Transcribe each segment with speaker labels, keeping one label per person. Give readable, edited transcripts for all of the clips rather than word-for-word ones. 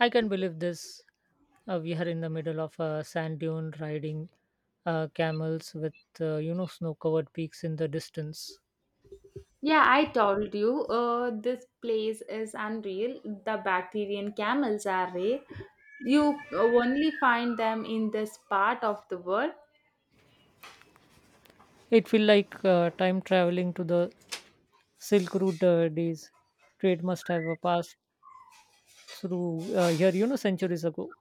Speaker 1: I can believe this. We are in the middle of a sand dune riding camels with snow covered peaks in the distance.
Speaker 2: Yeah, I told you, this place is unreal. The Bactrian camels are rare. You only find them in this part of the world.
Speaker 1: It feel like time traveling to the Silk Road days. Trade must have passed through here centuries ago.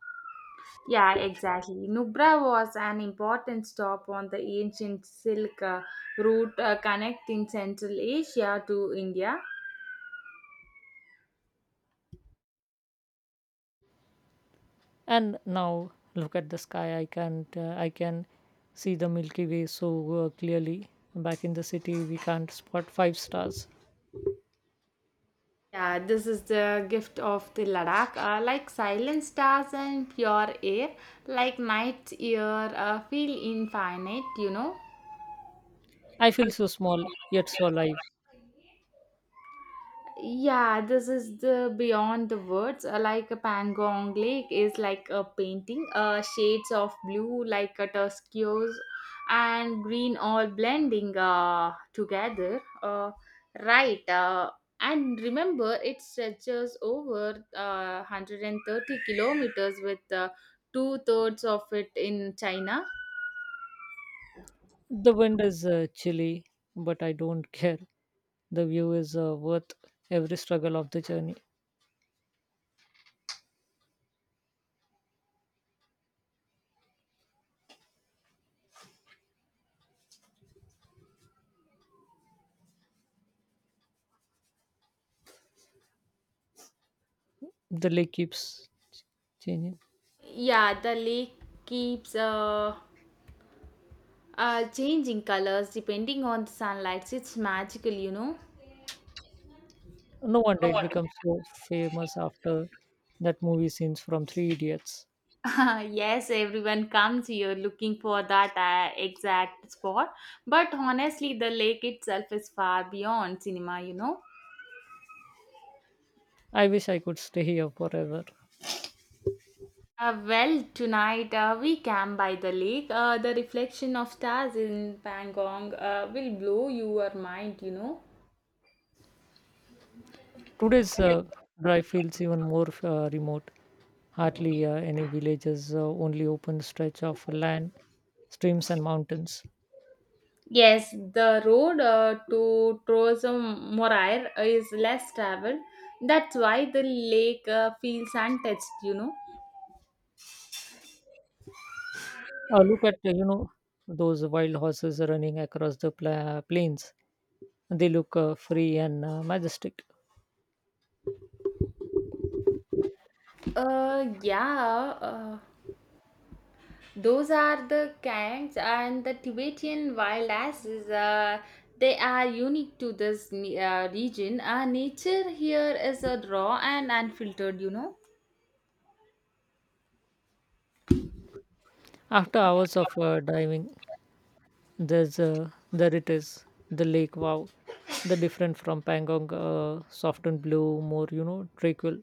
Speaker 2: Yeah, exactly. Nubra was an important stop on the ancient silk route connecting Central Asia to India.
Speaker 1: And now look at the sky. I can't. I can see the Milky Way so clearly. Back in the city, we can't spot five stars.
Speaker 2: Yeah, this is the gift of the Ladakh, like silent stars and pure air, like night's air, feel infinite, you know.
Speaker 1: I feel so small yet so alive.
Speaker 2: Yeah, this is the beyond the words. Like a Pangong Lake is like a painting, shades of blue like a turquoise and green all blending together. Right. And remember, it stretches over 130 kilometers with two-thirds of it in China.
Speaker 1: The wind is chilly, but I don't care. The view is worth every struggle of the journey. The lake keeps changing.
Speaker 2: Yeah, the lake keeps changing colors depending on the sunlight, it's magical, you know.
Speaker 1: No wonder it becomes so famous after that movie scenes from Three Idiots.
Speaker 2: Yes, everyone comes here looking for that exact spot. But honestly, the lake itself is far beyond cinema, you know.
Speaker 1: I wish I could stay here forever.
Speaker 2: Well, tonight we camp by the lake. The reflection of stars in Pangong will blow your mind, you know.
Speaker 1: Today's drive feels even more remote. Hardly any villages, only open stretch of land, streams, and mountains.
Speaker 2: Yes, the road to Trozomorair is less traveled. That's why the lake feels untouched, you know.
Speaker 1: Look at those wild horses running across the plains. They look free and majestic.
Speaker 2: Yeah, uh, those are the kangs and the Tibetan wild asses. They are unique to this region. Nature here is raw and unfiltered, you know.
Speaker 1: After hours of diving, there it is, the lake. Wow, the different from Pangong, soft and blue, more tranquil.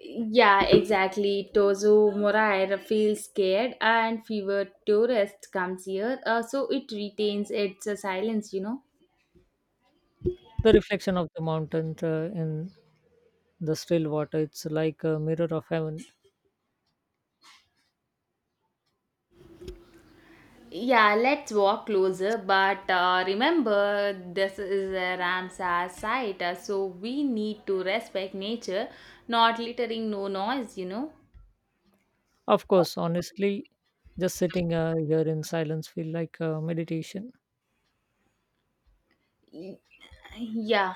Speaker 2: Yeah, exactly. Tozo Moraira feels scared, and fewer tourists comes here, so it retains its silence. You know.
Speaker 1: The reflection of the mountain in the still water. It's like a mirror of heaven.
Speaker 2: Yeah, let's walk closer. But remember, this is a Ramsar site, so we need to respect nature, not littering, no noise. You know.
Speaker 1: Of course, honestly, just sitting here in silence feel like meditation.
Speaker 2: Y- Yeah.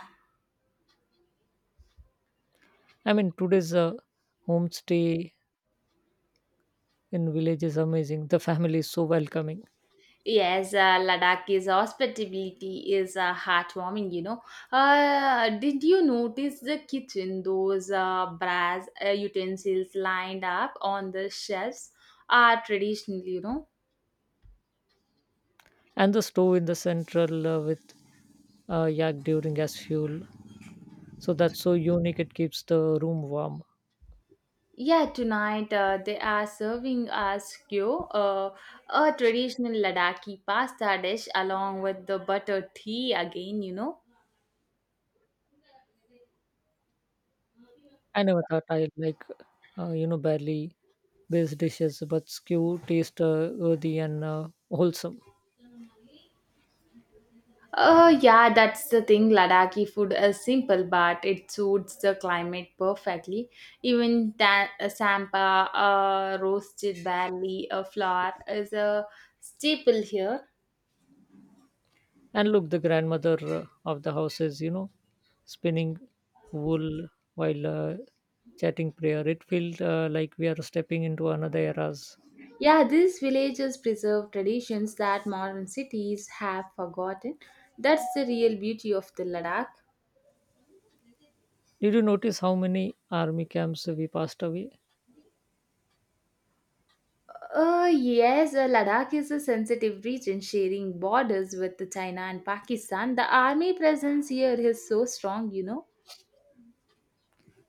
Speaker 1: I mean, today's homestay in village is amazing. The family is so welcoming,
Speaker 2: Yes, Ladakh hospitality is heartwarming. You know, did you notice the kitchen? Those brass utensils lined up on the shelves are traditional. You know,
Speaker 1: and the stove in the central with yak during as fuel. So that's so unique. It keeps the room warm.
Speaker 2: yeah. Tonight they are serving us kyo, a traditional Ladakhi pasta dish along with the butter tea again. You know.
Speaker 1: I never thought I like, barely based dishes, but skew taste earthy and wholesome.
Speaker 2: Yeah, that's the thing. Ladakhi food is simple, but it suits the climate perfectly. Even that sampa, roasted barley, a flour is a staple here.
Speaker 1: And look, the grandmother of the house is, spinning wool while chatting prayer. It feels like we are stepping into another era's.
Speaker 2: Yeah, these villages preserve traditions that modern cities have forgotten. That's the real beauty of the Ladakh.
Speaker 1: Did you notice how many army camps we passed away?
Speaker 2: Yes, Ladakh is a sensitive region sharing borders with China and Pakistan. The army presence here is so strong, you know.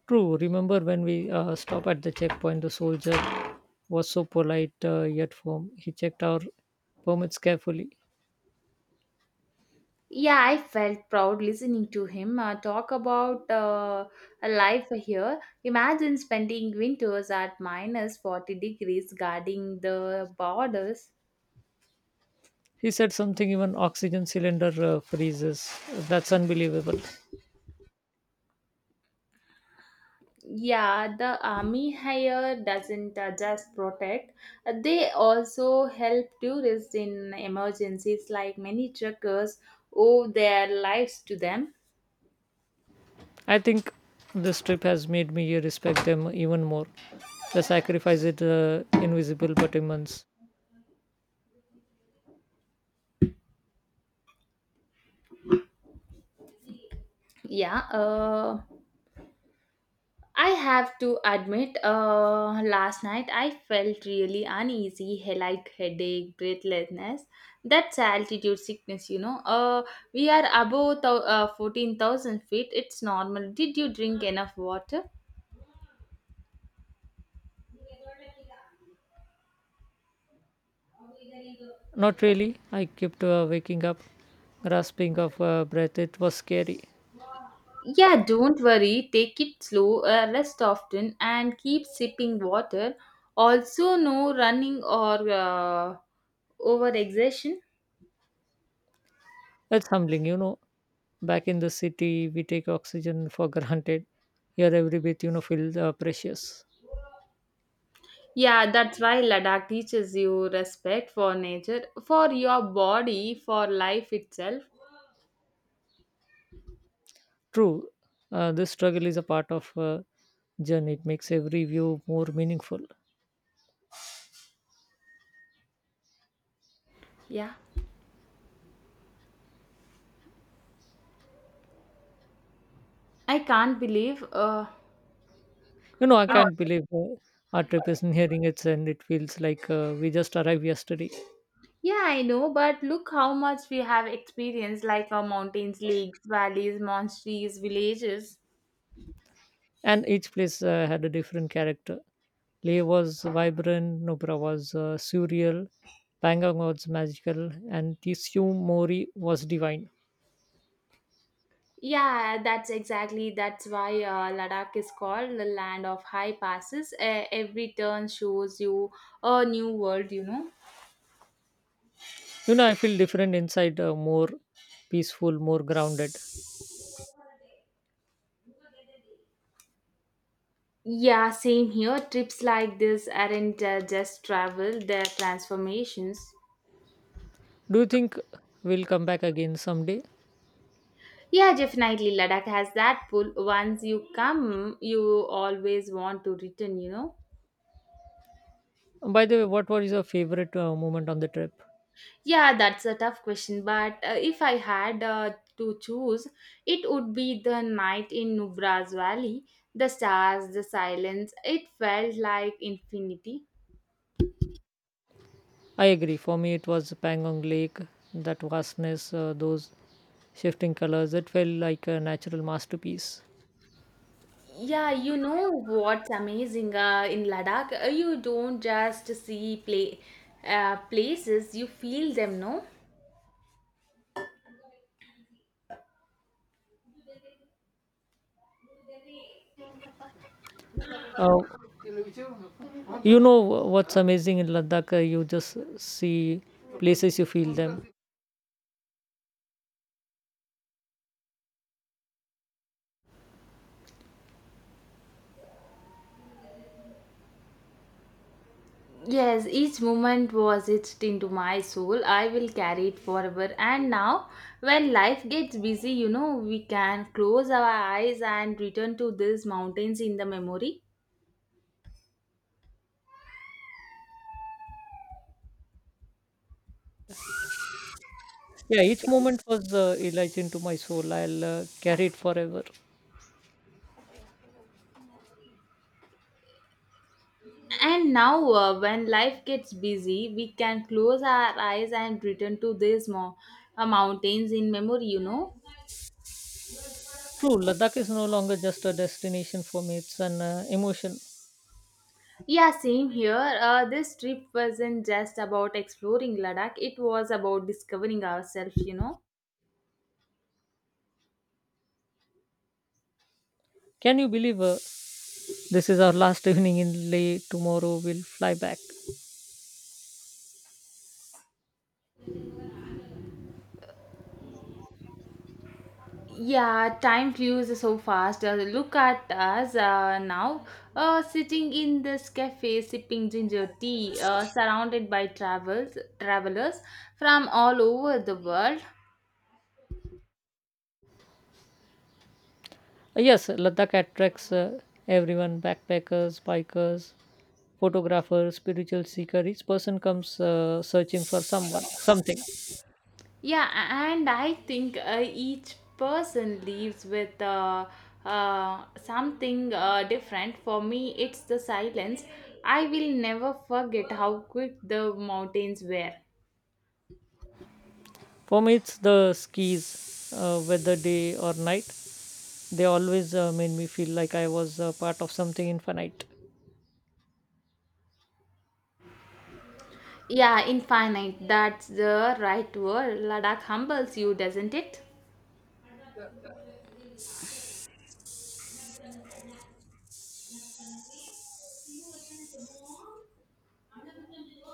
Speaker 1: True, remember when we stopped at the checkpoint, the soldier was so polite yet firm. He checked our permits carefully.
Speaker 2: Yeah, I felt proud listening to him talk about a life here. Imagine spending winters at minus 40 degrees guarding the borders.
Speaker 1: He said something, even oxygen cylinder freezes. That's unbelievable.
Speaker 2: Yeah, the army here doesn't just protect, they also help tourists in emergencies, like many truckers owe their lives to them.
Speaker 1: I think this trip has made me respect them even more. The sacrifice is invisible but immense.
Speaker 2: Yeah, I have to admit, last night I felt really uneasy, like headache, breathlessness. That's altitude sickness, you know. We are above 14,000 feet. It's normal. Did you drink enough water?
Speaker 1: Not really. I kept waking up, grasping of breath. It was scary.
Speaker 2: Yeah, don't worry. Take it slow, rest often, and keep sipping water. Also, no running or over exertion.
Speaker 1: It's humbling, you know. Back in the city, we take oxygen for granted. Here, every breath feels precious.
Speaker 2: Yeah, that's why Ladakh teaches you respect for nature, for your body, for life itself.
Speaker 1: True, this struggle is a part of journey. It makes every view more meaningful.
Speaker 2: Yeah, I can't believe. Uh,
Speaker 1: You know, I can't believe our trip is nearing its end. It feels like we just arrived yesterday,
Speaker 2: yeah, I know, but look how much we have experienced like our mountains, lakes, valleys, monasteries, villages.
Speaker 1: and each place had a different character. Leh was vibrant, Nubra was surreal, Pangong was magical, and Tishu Mori was divine.
Speaker 2: Yeah, that's exactly that's why Ladakh is called the land of high passes. Every turn shows you a new world, you know.
Speaker 1: You know, I feel different inside, more peaceful, more grounded.
Speaker 2: Yeah, same here. Trips like this aren't just travel, they're transformations.
Speaker 1: Do you think we'll come back again someday?
Speaker 2: Yeah, definitely. Ladakh has that pull. Once you come, you always want to return, you know?
Speaker 1: By the way, what was your favorite moment on the trip?
Speaker 2: Yeah, that's a tough question. But if I had to choose, it would be the night in Nubra's Valley. The stars, the silence, it felt like infinity.
Speaker 1: I agree. For me, it was Pangong Lake, that vastness, those shifting colors. It felt like a natural masterpiece.
Speaker 2: Yeah, you know what's amazing in Ladakh? You don't just see play places, you feel them, no?
Speaker 1: Uh, you know what's amazing in Ladakh? You just see places, you feel them.
Speaker 2: Yes, each moment was etched into my soul. I will carry it forever. And now, when life gets busy, you know, we can close our eyes and return to these mountains in the memory.
Speaker 1: Yeah, each moment was enlarged into my soul. I'll carry it forever.
Speaker 2: And now, when life gets busy, we can close our eyes and return to these mountains in memory, you know.
Speaker 1: True, Ladakh is no longer just a destination for me, it's an emotion.
Speaker 2: Yeah, same here. This trip wasn't just about exploring Ladakh, it was about discovering ourselves, you know.
Speaker 1: Can you believe this is our last evening in Leh? Tomorrow we'll fly back.
Speaker 2: Yeah, time flew so fast. Look at us now, sitting in this cafe, sipping ginger tea, surrounded by travels travelers from all over the world.
Speaker 1: Yes, Ladakh attracts everyone backpackers, bikers, photographers, spiritual seeker. Each person comes searching for someone, something.
Speaker 2: Yeah, and I think each person leaves with something different. For me, it's the silence. I will never forget how quick the mountains were.
Speaker 1: For me, it's the skis, whether day or night. They always made me feel like I was part of something infinite.
Speaker 2: Yeah, infinite. That's the right word. Ladakh humbles you, doesn't it?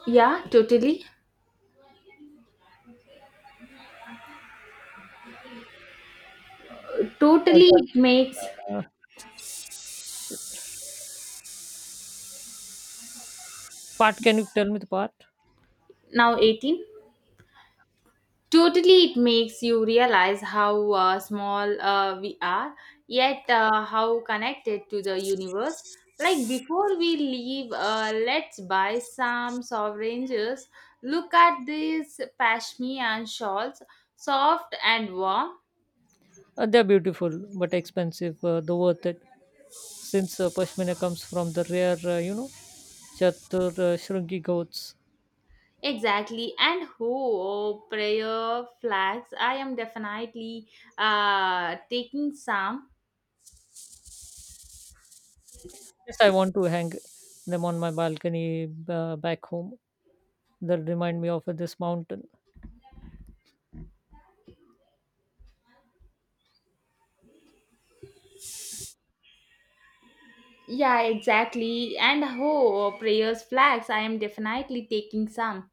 Speaker 2: Yeah, totally.
Speaker 1: Uh,
Speaker 2: Totally, it makes
Speaker 1: Part, can you tell me the part?
Speaker 2: now 18. Totally, it makes you realize how small we are, yet how connected to the universe. Like before we leave, let's buy some oranges. Look at these pashmian shawls, soft and warm.
Speaker 1: They're beautiful but expensive, though worth it, since pashmina comes from the rare, chatur shrungi goats.
Speaker 2: Exactly, and oh, prayer flags. I am definitely taking some.
Speaker 1: Yes, I want to hang them on my balcony back home. They remind me of this mountain.
Speaker 2: Yeah, exactly, and oh, prayers flags. I am definitely taking some.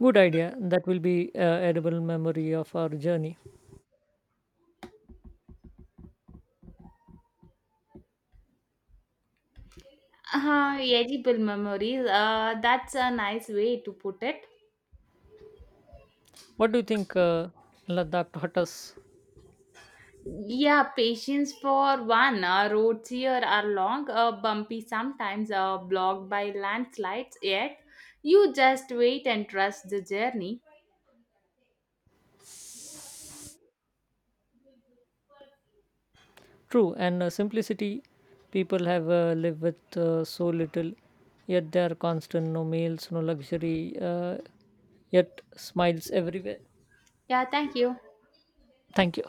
Speaker 1: Good idea. That will be edible memory of our journey.
Speaker 2: Edible memories. That's a nice way to put it.
Speaker 1: What do you think, Ladakh taught us?
Speaker 2: Yeah, patience for one. Roads here are long, bumpy sometimes, blocked by landslides, yet you just wait and trust the journey.
Speaker 1: True, and simplicity people have lived with so little, yet they are constant, no meals, no luxury, yet smiles everywhere.
Speaker 2: Yeah, thank you.
Speaker 1: Thank you.